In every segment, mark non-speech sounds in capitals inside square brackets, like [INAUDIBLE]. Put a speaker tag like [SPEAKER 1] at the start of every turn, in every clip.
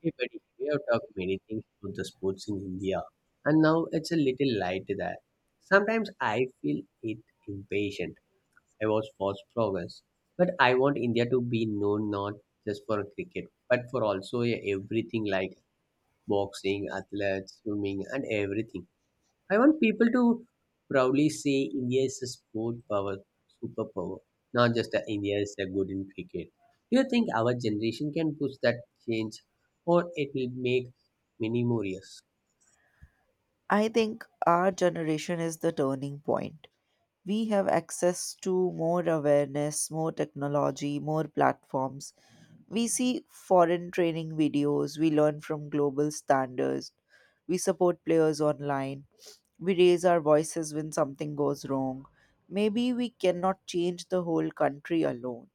[SPEAKER 1] Hey buddy, we have talked many things about the sports in India, and now it's a little light there. Sometimes I feel it impatient about fast progress, but I want India to be known not just for cricket, but for also everything like boxing, athletes, swimming, and everything. I want people to proudly say India is a sport power, superpower, not just that India is a good in cricket. Do you think our generation can push that change, or it will make many more years?
[SPEAKER 2] I think our generation is the turning point. We have access to more awareness, more technology, more platforms. We see foreign training videos, we learn from global standards, we support players online, we raise our voices when something goes wrong. Maybe we cannot change the whole country alone,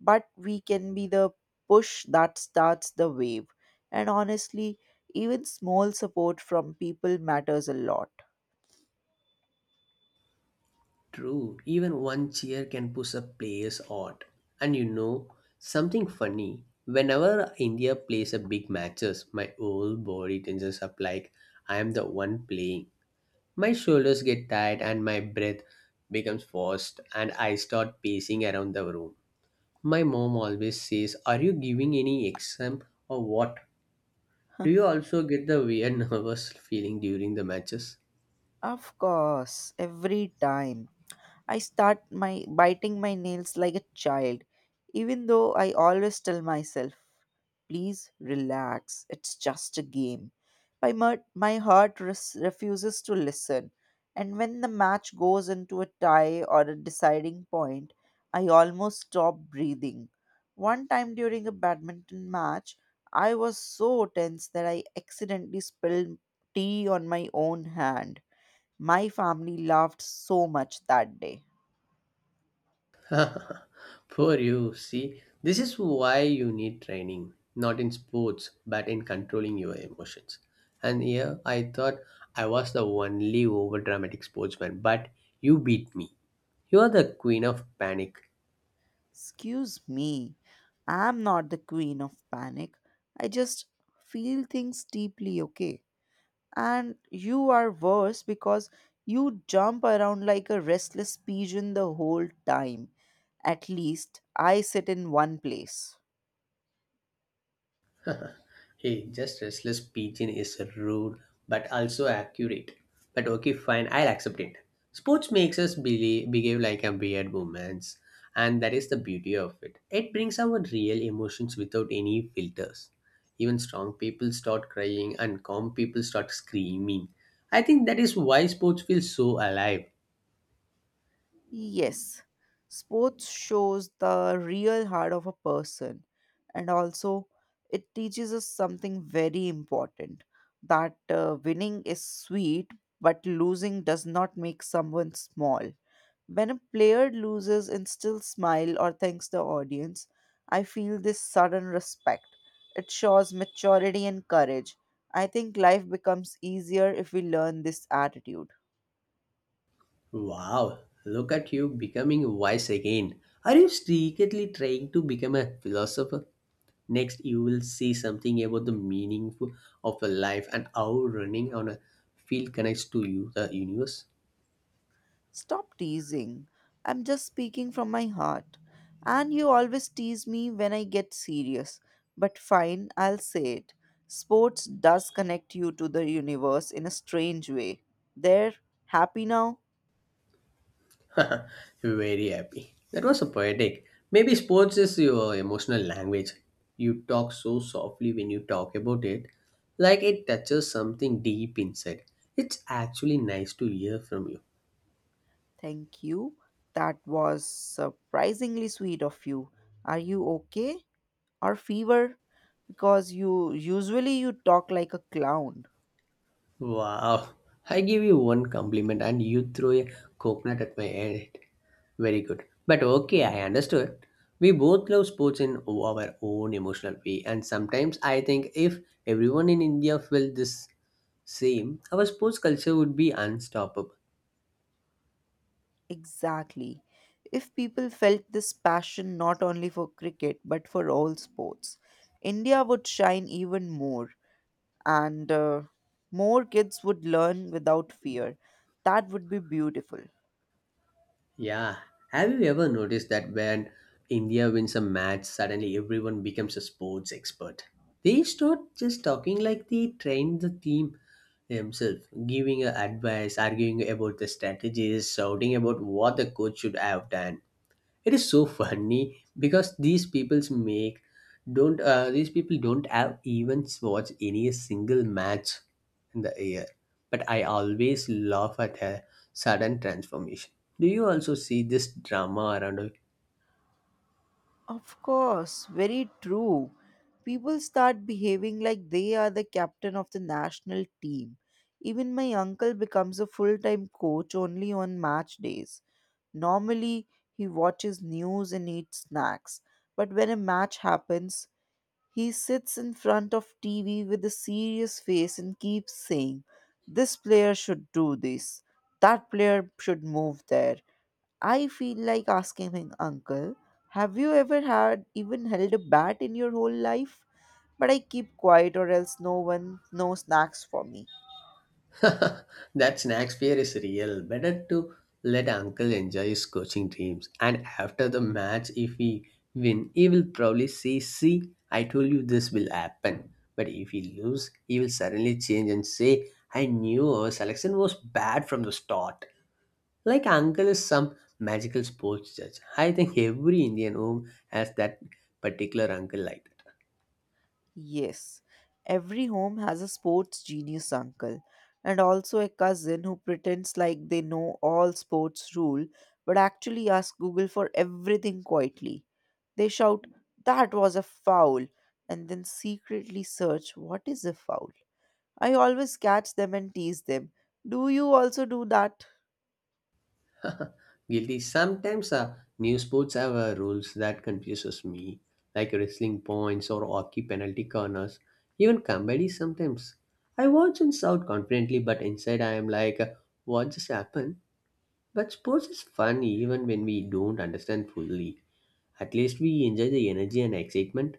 [SPEAKER 2] but we can be the push that starts the wave. And honestly, even small support from people matters a lot.
[SPEAKER 1] True, even one cheer can push a player's odd. And you know something funny? Whenever India plays a big matches, my whole body tenses up like I am the one playing. My shoulders get tired and my breath becomes forced, and I start pacing around the room. My mom always says, "Are you giving any exam or what?" Do you also get the weird [LAUGHS] nervous feeling during the matches?
[SPEAKER 2] Of course, every time I start my biting my nails like a child, even though I always tell myself, please relax, it's just a game. My heart refuses to listen, and when the match goes into a tie or a deciding point, I almost stop breathing. One time during a badminton match, I was so tense that I accidentally spilled tea on my own hand. My family laughed so much that day.
[SPEAKER 1] [LAUGHS] Poor you, see, this is why you need training, not in sports, but in controlling your emotions. And here I thought I was the only overdramatic sportsman, but you beat me. You are the queen of panic.
[SPEAKER 2] Excuse me, I'm not the queen of panic. I just feel things deeply, okay? And you are worse because you jump around like a restless pigeon the whole time. At least I sit in one place.
[SPEAKER 1] [LAUGHS] Hey, just restless pigeon is rude but also accurate. But okay, fine, I'll accept it. Sports makes us believe, behave like a weird woman, and that is the beauty of it. It brings out real emotions without any filters. Even strong people start crying and calm people start screaming. I think that is why sports feels so alive.
[SPEAKER 2] Yes, sports shows the real heart of a person, and also it teaches us something very important that winning is sweet, but losing does not make someone small. When a player loses and still smile or thanks the audience, I feel this sudden respect. It shows maturity and courage. I think life becomes easier if we learn this attitude.
[SPEAKER 1] Wow, look at you becoming wise again. Are you secretly trying to become a philosopher? Next, you will see something about the meaning of a life and how running on a field connects to you, the universe.
[SPEAKER 2] Stop teasing. I'm just speaking from my heart. And you always tease me when I get serious. But fine, I'll say it. Sports does connect you to the universe in a strange way. There, happy now?
[SPEAKER 1] [LAUGHS] Very happy. That was a poetic. Maybe sports is your emotional language. You talk so softly when you talk about it, like it touches something deep inside. It's actually nice to hear from you.
[SPEAKER 2] Thank you. That was surprisingly sweet of you. Are you okay? Or fever? Because you usually you talk like a clown.
[SPEAKER 1] Wow. I give you one compliment and you throw a coconut at my head. Very good. But okay, I understood. We both love sports in our own emotional way, and sometimes I think if everyone in India felt this same, our sports culture would be unstoppable.
[SPEAKER 2] Exactly. If people felt this passion not only for cricket but for all sports, India would shine even more and more kids would learn without fear. That would be beautiful.
[SPEAKER 1] Yeah. Have you ever noticed that when India wins a match, suddenly everyone becomes a sports expert? They start just talking like they trained the team themselves, giving a advice, arguing about the strategies, shouting about what the coach should have done. It is so funny because these people's make don't these people don't have even watched any single match in the year, but I always laugh at her sudden transformation. Do you also see this drama around?
[SPEAKER 2] Of course, very true. People start behaving like they are the captain of the national team. Even my uncle becomes a full time coach only on match days. Normally, he watches news and eats snacks, but when a match happens, he sits in front of TV with a serious face and keeps saying, this player should do this, that player should move there. I feel like asking him, uncle, have you ever had even held a bat in your whole life? But I keep quiet or else no one, no snacks for me.
[SPEAKER 1] [LAUGHS] That next fear is real. Better to let uncle enjoy his coaching dreams. And after the match, if we win, he will probably say, "See, I told you this will happen." But if he lose, he will suddenly change and say, "I knew our selection was bad from the start." Like uncle is some magical sports judge. I think every Indian home has that particular uncle like.
[SPEAKER 2] Yes, every home has a sports genius uncle and also a cousin who pretends like they know all sports rule but actually asks Google for everything quietly. They shout, that was a foul, and then secretly search, what is a foul? I always catch them and tease them. Do you also do that?
[SPEAKER 1] Guilty. Sometimes new sports have rules that confuses me, like wrestling points or hockey penalty corners, even comedy sometimes. I watch and shout confidently, but inside I am like, what just happened? But sports is fun even when we don't understand fully. At least we enjoy the energy and excitement.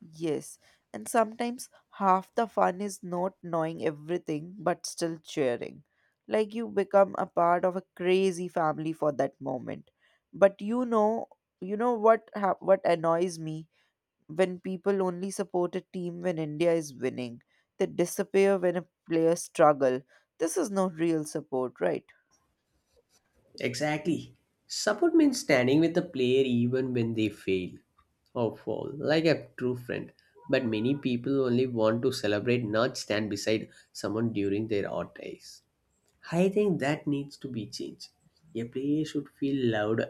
[SPEAKER 2] Yes. And sometimes half the fun is not knowing everything but still cheering. Like you become a part of a crazy family for that moment. But you know what annoys me when people only support a team when India is winning. They disappear when a player struggle. This is not real support, right?
[SPEAKER 1] Exactly. Support means standing with the player even when they fail or fall, like a true friend. But many people only want to celebrate, not stand beside someone during their hard days. I think that needs to be changed. A player should feel loved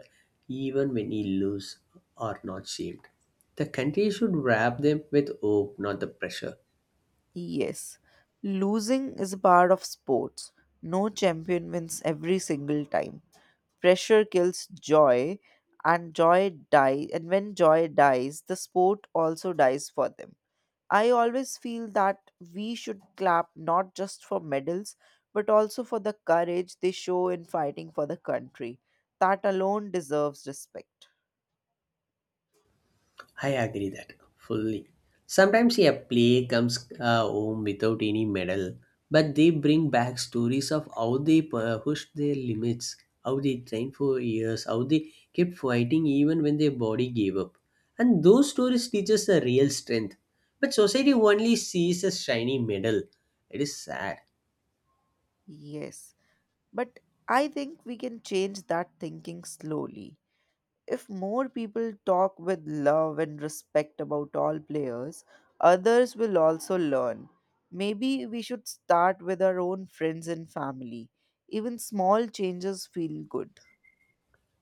[SPEAKER 1] even when he loses or not shamed. The country should wrap them with hope, not the pressure.
[SPEAKER 2] Yes, losing is a part of sports. No champion wins every single time. Pressure kills joy, and joy die. And when joy dies, the sport also dies for them. I always feel that we should clap not just for medals, but also for the courage they show in fighting for the country. That alone deserves respect.
[SPEAKER 1] I agree that fully. Sometimes a play comes home without any medal, but they bring back stories of how they pushed their limits, how they trained for years, how they kept fighting even when their body gave up. And those stories teach us the real strength. But society only sees a shiny medal. It is sad.
[SPEAKER 2] Yes, but I think we can change that thinking slowly. If more people talk with love and respect about all players, others will also learn. Maybe we should start with our own friends and family. Even small changes feel good.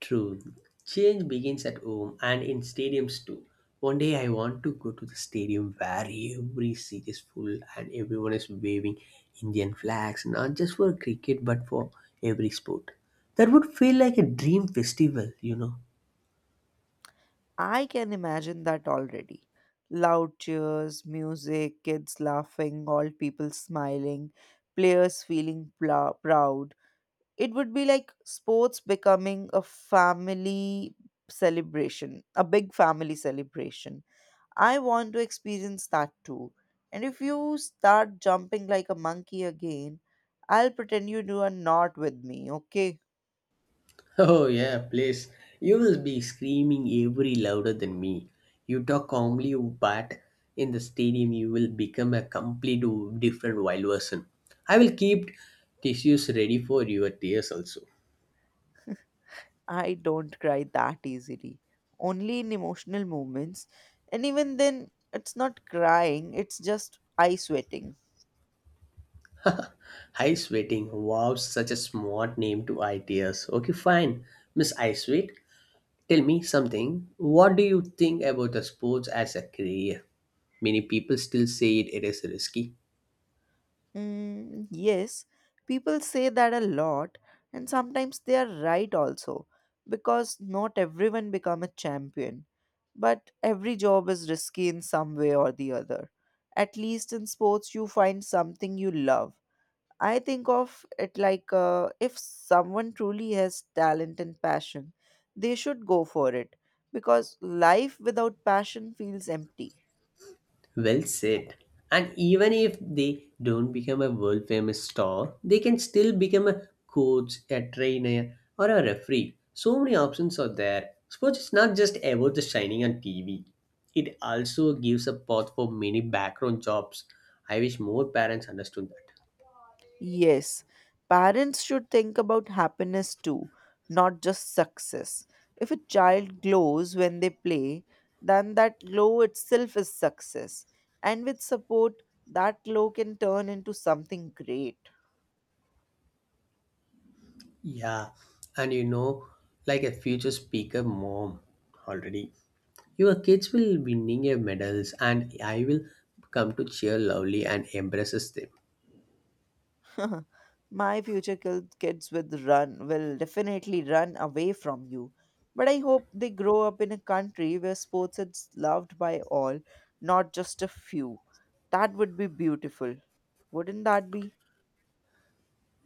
[SPEAKER 1] True. Change begins at home and in stadiums too. One day I want to go to the stadium where every seat is full and everyone is waving Indian flags, not just for cricket but for every sport. That would feel like a dream festival, [LAUGHS]
[SPEAKER 2] I can imagine that already. Loud cheers, music, kids laughing, all people smiling, players feeling proud. It would be like sports becoming a family celebration, a big family celebration. I want to experience that too. And if you start jumping like a monkey again, I'll pretend you do a not with me, okay?
[SPEAKER 1] Oh, yeah, please. You will be screaming every louder than me. You talk calmly, but in the stadium, you will become a complete different wild person. I will keep tissues ready for your tears also.
[SPEAKER 2] I don't cry that easily. Only in emotional moments. And even then, it's not crying, it's just eye sweating.
[SPEAKER 1] Ice waiting. Wow, such a smart name to ideas. Okay, fine. Miss Ice Wait, tell me something. What do you think about the sports as a career? Many people still say it, it is risky.
[SPEAKER 2] Yes, people say that a lot, and sometimes they are right also, because not everyone become a champion. But every job is risky in some way or the other. At least in sports, you find something you love. I think of it like if someone truly has talent and passion, they should go for it, because life without passion feels empty.
[SPEAKER 1] Well said. And even if they don't become a world famous star, they can still become a coach, a trainer, or a referee. So many options are there. Sports is not just about the shining on TV, it also gives a path for many background jobs. I wish more parents understood that.
[SPEAKER 2] Yes, parents should think about happiness too, not just success. If a child glows when they play, then that glow itself is success. And with support, that glow can turn into something great.
[SPEAKER 1] Yeah, and you know, like a future speaker mom already, your kids will be winning a medals, and I will come to cheer loudly and embraces them.
[SPEAKER 2] [LAUGHS] My future kids will definitely run away from you. But I hope they grow up in a country where sports is loved by all, not just a few. That would be beautiful. Wouldn't that be?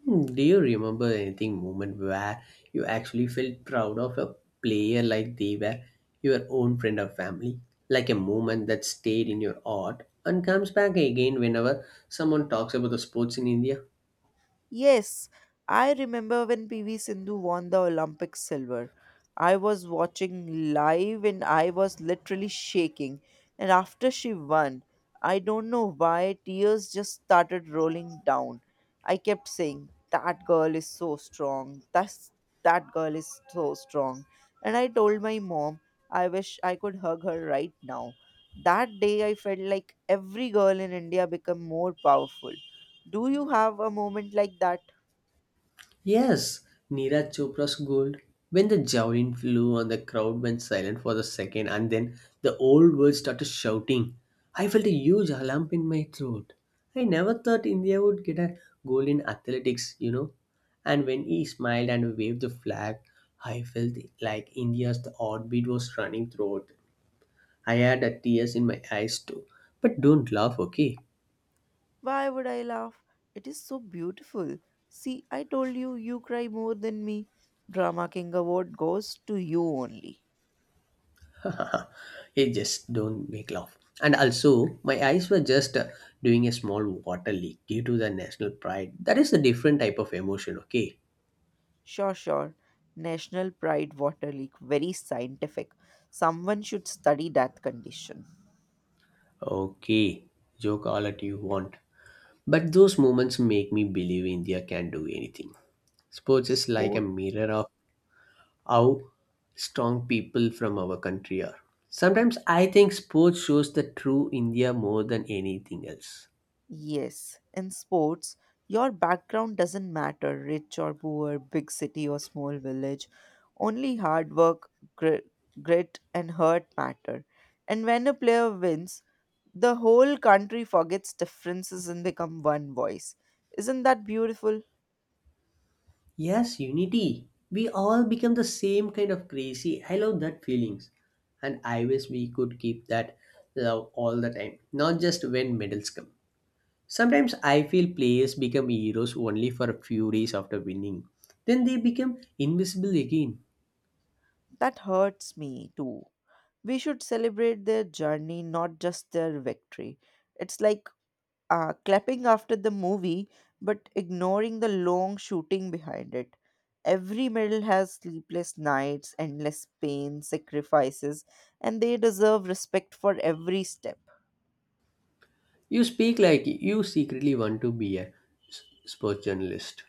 [SPEAKER 1] Hmm, do you remember anything moment where you actually felt proud of a player like they were your own friend or family? Like a moment that stayed in your heart and comes back again whenever someone talks about the sports in India?
[SPEAKER 2] Yes, I remember when PV Sindhu won the Olympic silver. I was watching live and I was literally shaking. And after she won, I don't know why tears just started rolling down. I kept saying, that girl is so strong. That girl is so strong. And I told my mom, I wish I could hug her right now. That day, I felt like every girl in India became more powerful. Do you have a moment like that?
[SPEAKER 1] Yes, Neeraj Chopra's gold. When the javelin flew and the crowd went silent for the second and then the old world started shouting, I felt a huge lump in my throat. I never thought India would get a gold in athletics, And when he smiled and waved the flag, I felt like India's the heartbeat was running through it. I had a tears in my eyes too. But don't laugh, okay?
[SPEAKER 2] Why would I laugh? It is so beautiful. See, I told you, you cry more than me. Drama King Award goes to you only.
[SPEAKER 1] It just don't make love. And also, my eyes were just doing a small water leak due to the national pride. That is a different type of emotion, okay?
[SPEAKER 2] Sure, sure. National Pride water leak. Very scientific. Someone should study that condition.
[SPEAKER 1] Okay, joke all that you want. But those moments make me believe India can do anything. Sports is like a
[SPEAKER 2] Sport.
[SPEAKER 1] mirror of how strong people from our country are. Sometimes I think sports shows the true India more than anything else.
[SPEAKER 2] Yes. In sports, your background doesn't matter rich or poor, big city or small village. Only hard work, grit, grit and hurt matter. And when a player wins, the whole country forgets differences and become one voice. Isn't that beautiful?
[SPEAKER 1] Yes, unity. We all become the same kind of crazy. I love that feelings. And I wish we could keep that love all the time, not just when medals come. Sometimes I feel players become heroes only for a few days after winning. Then they become invisible again.
[SPEAKER 2] That hurts me too. We should celebrate their journey, not just their victory. It's like clapping after the movie, but ignoring the long shooting behind it. Every medal has sleepless nights, endless pain, sacrifices, and they deserve respect for every step.
[SPEAKER 1] You speak like you secretly want to be a sports journalist.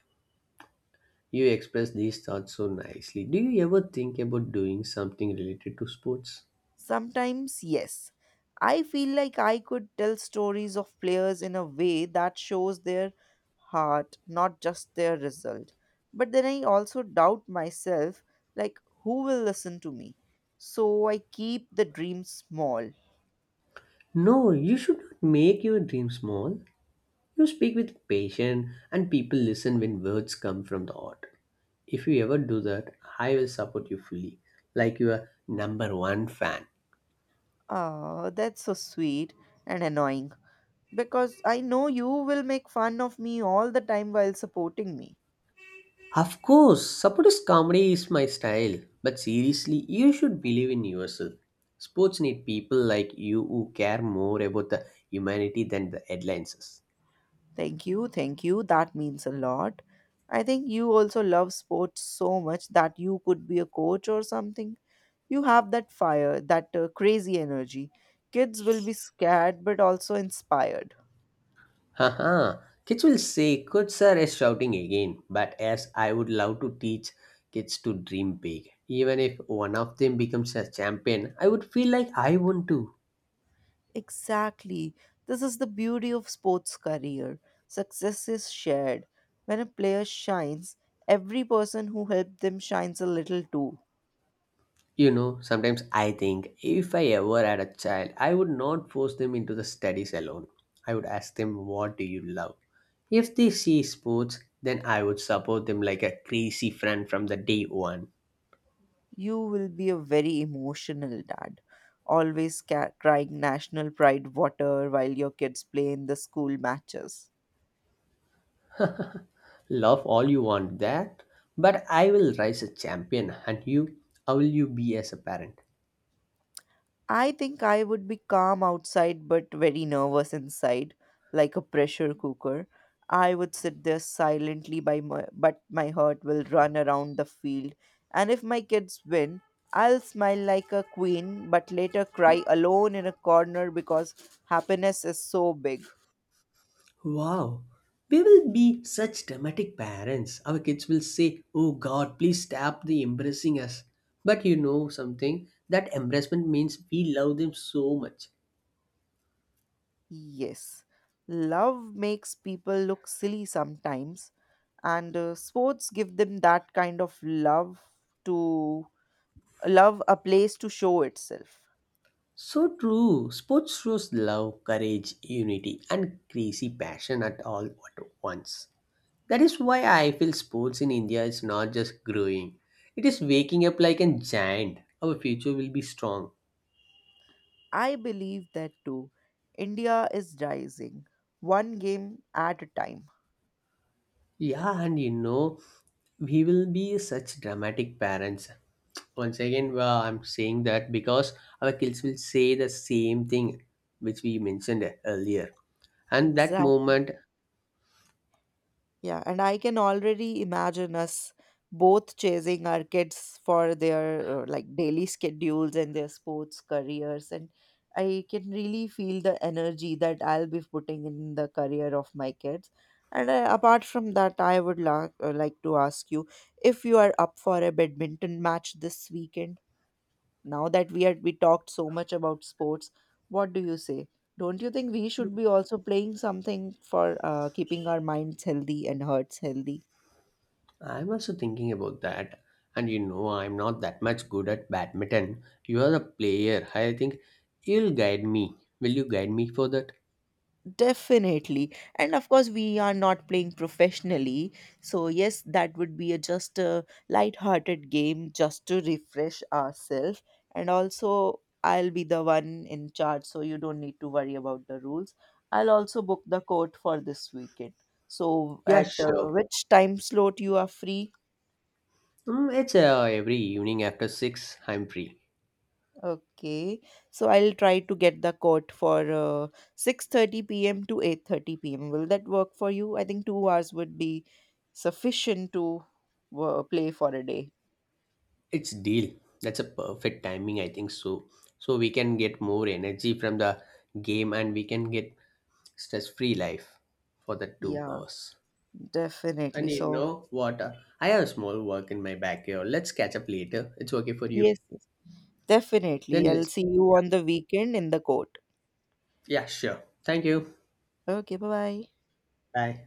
[SPEAKER 1] You express these thoughts so nicely. Do you ever think about doing something related to sports?
[SPEAKER 2] Sometimes, yes. I feel like I could tell stories of players in a way that shows their heart, not just their result. But then I also doubt myself, like, who will listen to me? So I keep the dream small.
[SPEAKER 1] No, you should not make your dream small. You speak with patience and people listen when words come from the heart. If you ever do that, I will support you fully, like your number one fan.
[SPEAKER 2] Ah, that's so sweet and annoying. Because I know you will make fun of me all the time while supporting me.
[SPEAKER 1] Of course, support comedy is my style, but seriously, you should believe in yourself. Sports need people like you who care more about the humanity than the headlines.
[SPEAKER 2] Thank you, thank you. That means a lot. I think you also love sports so much that you could be a coach or something. You have that fire, that crazy energy. Kids will be scared but also inspired.
[SPEAKER 1] Haha, kids will say, "Good sir is shouting again." But as I would love to teach kids to dream big. Even if one of them becomes a champion, I would feel like I want to.
[SPEAKER 2] Exactly. This is the beauty of sports career. Success is shared. When a player shines, every person who helped them shines a little too.
[SPEAKER 1] You know, sometimes I think if I ever had a child, I would not force them into the studies alone. I would ask them, "What do you love?" If they see sports, then I would support them like a crazy friend from the day one.
[SPEAKER 2] You will be a very emotional dad, always crying national pride water while your kids play in the school matches.
[SPEAKER 1] Love all you want that, but I will rise a champion and you, how will you be as a parent?
[SPEAKER 2] I think I would be calm outside but very nervous inside, like a pressure cooker. I would sit there silently, but my heart will run around the field. And if my kids win, I'll smile like a queen, but later cry alone in a corner because happiness is so big.
[SPEAKER 1] Wow, we will be such dramatic parents. Our kids will say, "Oh God, please stop the embracing us." But you know something? That embarrassment means we love them so much.
[SPEAKER 2] Yes, love makes people look silly sometimes, and sports give them that kind of love to love a place to show itself.
[SPEAKER 1] So true. Sports shows love, courage, unity, and crazy passion at all at once. That is why I feel sports in India is not just growing, it is waking up like a giant. Our future will be strong.
[SPEAKER 2] I believe that too. India is rising, one game at a time.
[SPEAKER 1] Yeah, and you know, we will be such dramatic parents. Once again, well, I'm saying that because our kids will say the same thing which we mentioned earlier. And that
[SPEAKER 2] Exactly.
[SPEAKER 1] moment,
[SPEAKER 2] Yeah, and I can already imagine us both chasing our kids for their like daily schedules and their sports careers. And I can really feel the energy that I'll be putting in the career of my kids. And apart from that, I would like to ask you if you are up for a badminton match this weekend. Now that we talked so much about sports, what do you say? Don't you think we should be also playing something for keeping our minds healthy and hearts healthy?
[SPEAKER 1] I'm also thinking about that. And you know, I'm not that much good at badminton. You are a player. I think you'll guide me. Will you guide me for that?
[SPEAKER 2] Definitely. And of course, we are not playing professionally. So, yes, that would be a just a light-hearted game just to refresh ourselves. And also, I'll be the one in charge, so you don't need to worry about the rules. I'll also book the court for this weekend. So,
[SPEAKER 1] Yeah,
[SPEAKER 2] at
[SPEAKER 1] sure.
[SPEAKER 2] which time slot you are free?
[SPEAKER 1] It's every evening after 6, I'm free.
[SPEAKER 2] Okay, so I'll try to get the court for 6:30 p.m. to 8:30 p.m. Will that work for you? I think 2 hours would be sufficient to play for a day.
[SPEAKER 1] It's deal. That's a perfect timing, I think so. So we can get more energy from the game and we can get stress-free life for the two
[SPEAKER 2] Yeah,
[SPEAKER 1] hours.
[SPEAKER 2] definitely.
[SPEAKER 1] And you
[SPEAKER 2] So,
[SPEAKER 1] know what? I have a small work in my backyard. Let's catch up later. It's okay for you.
[SPEAKER 2] yes, yes,
[SPEAKER 1] Then
[SPEAKER 2] definitely. I'll
[SPEAKER 1] let's.
[SPEAKER 2] see you on the weekend in the court.
[SPEAKER 1] Yeah, yeah, sure. Thank you.
[SPEAKER 2] Okay, bye bye.
[SPEAKER 1] Bye.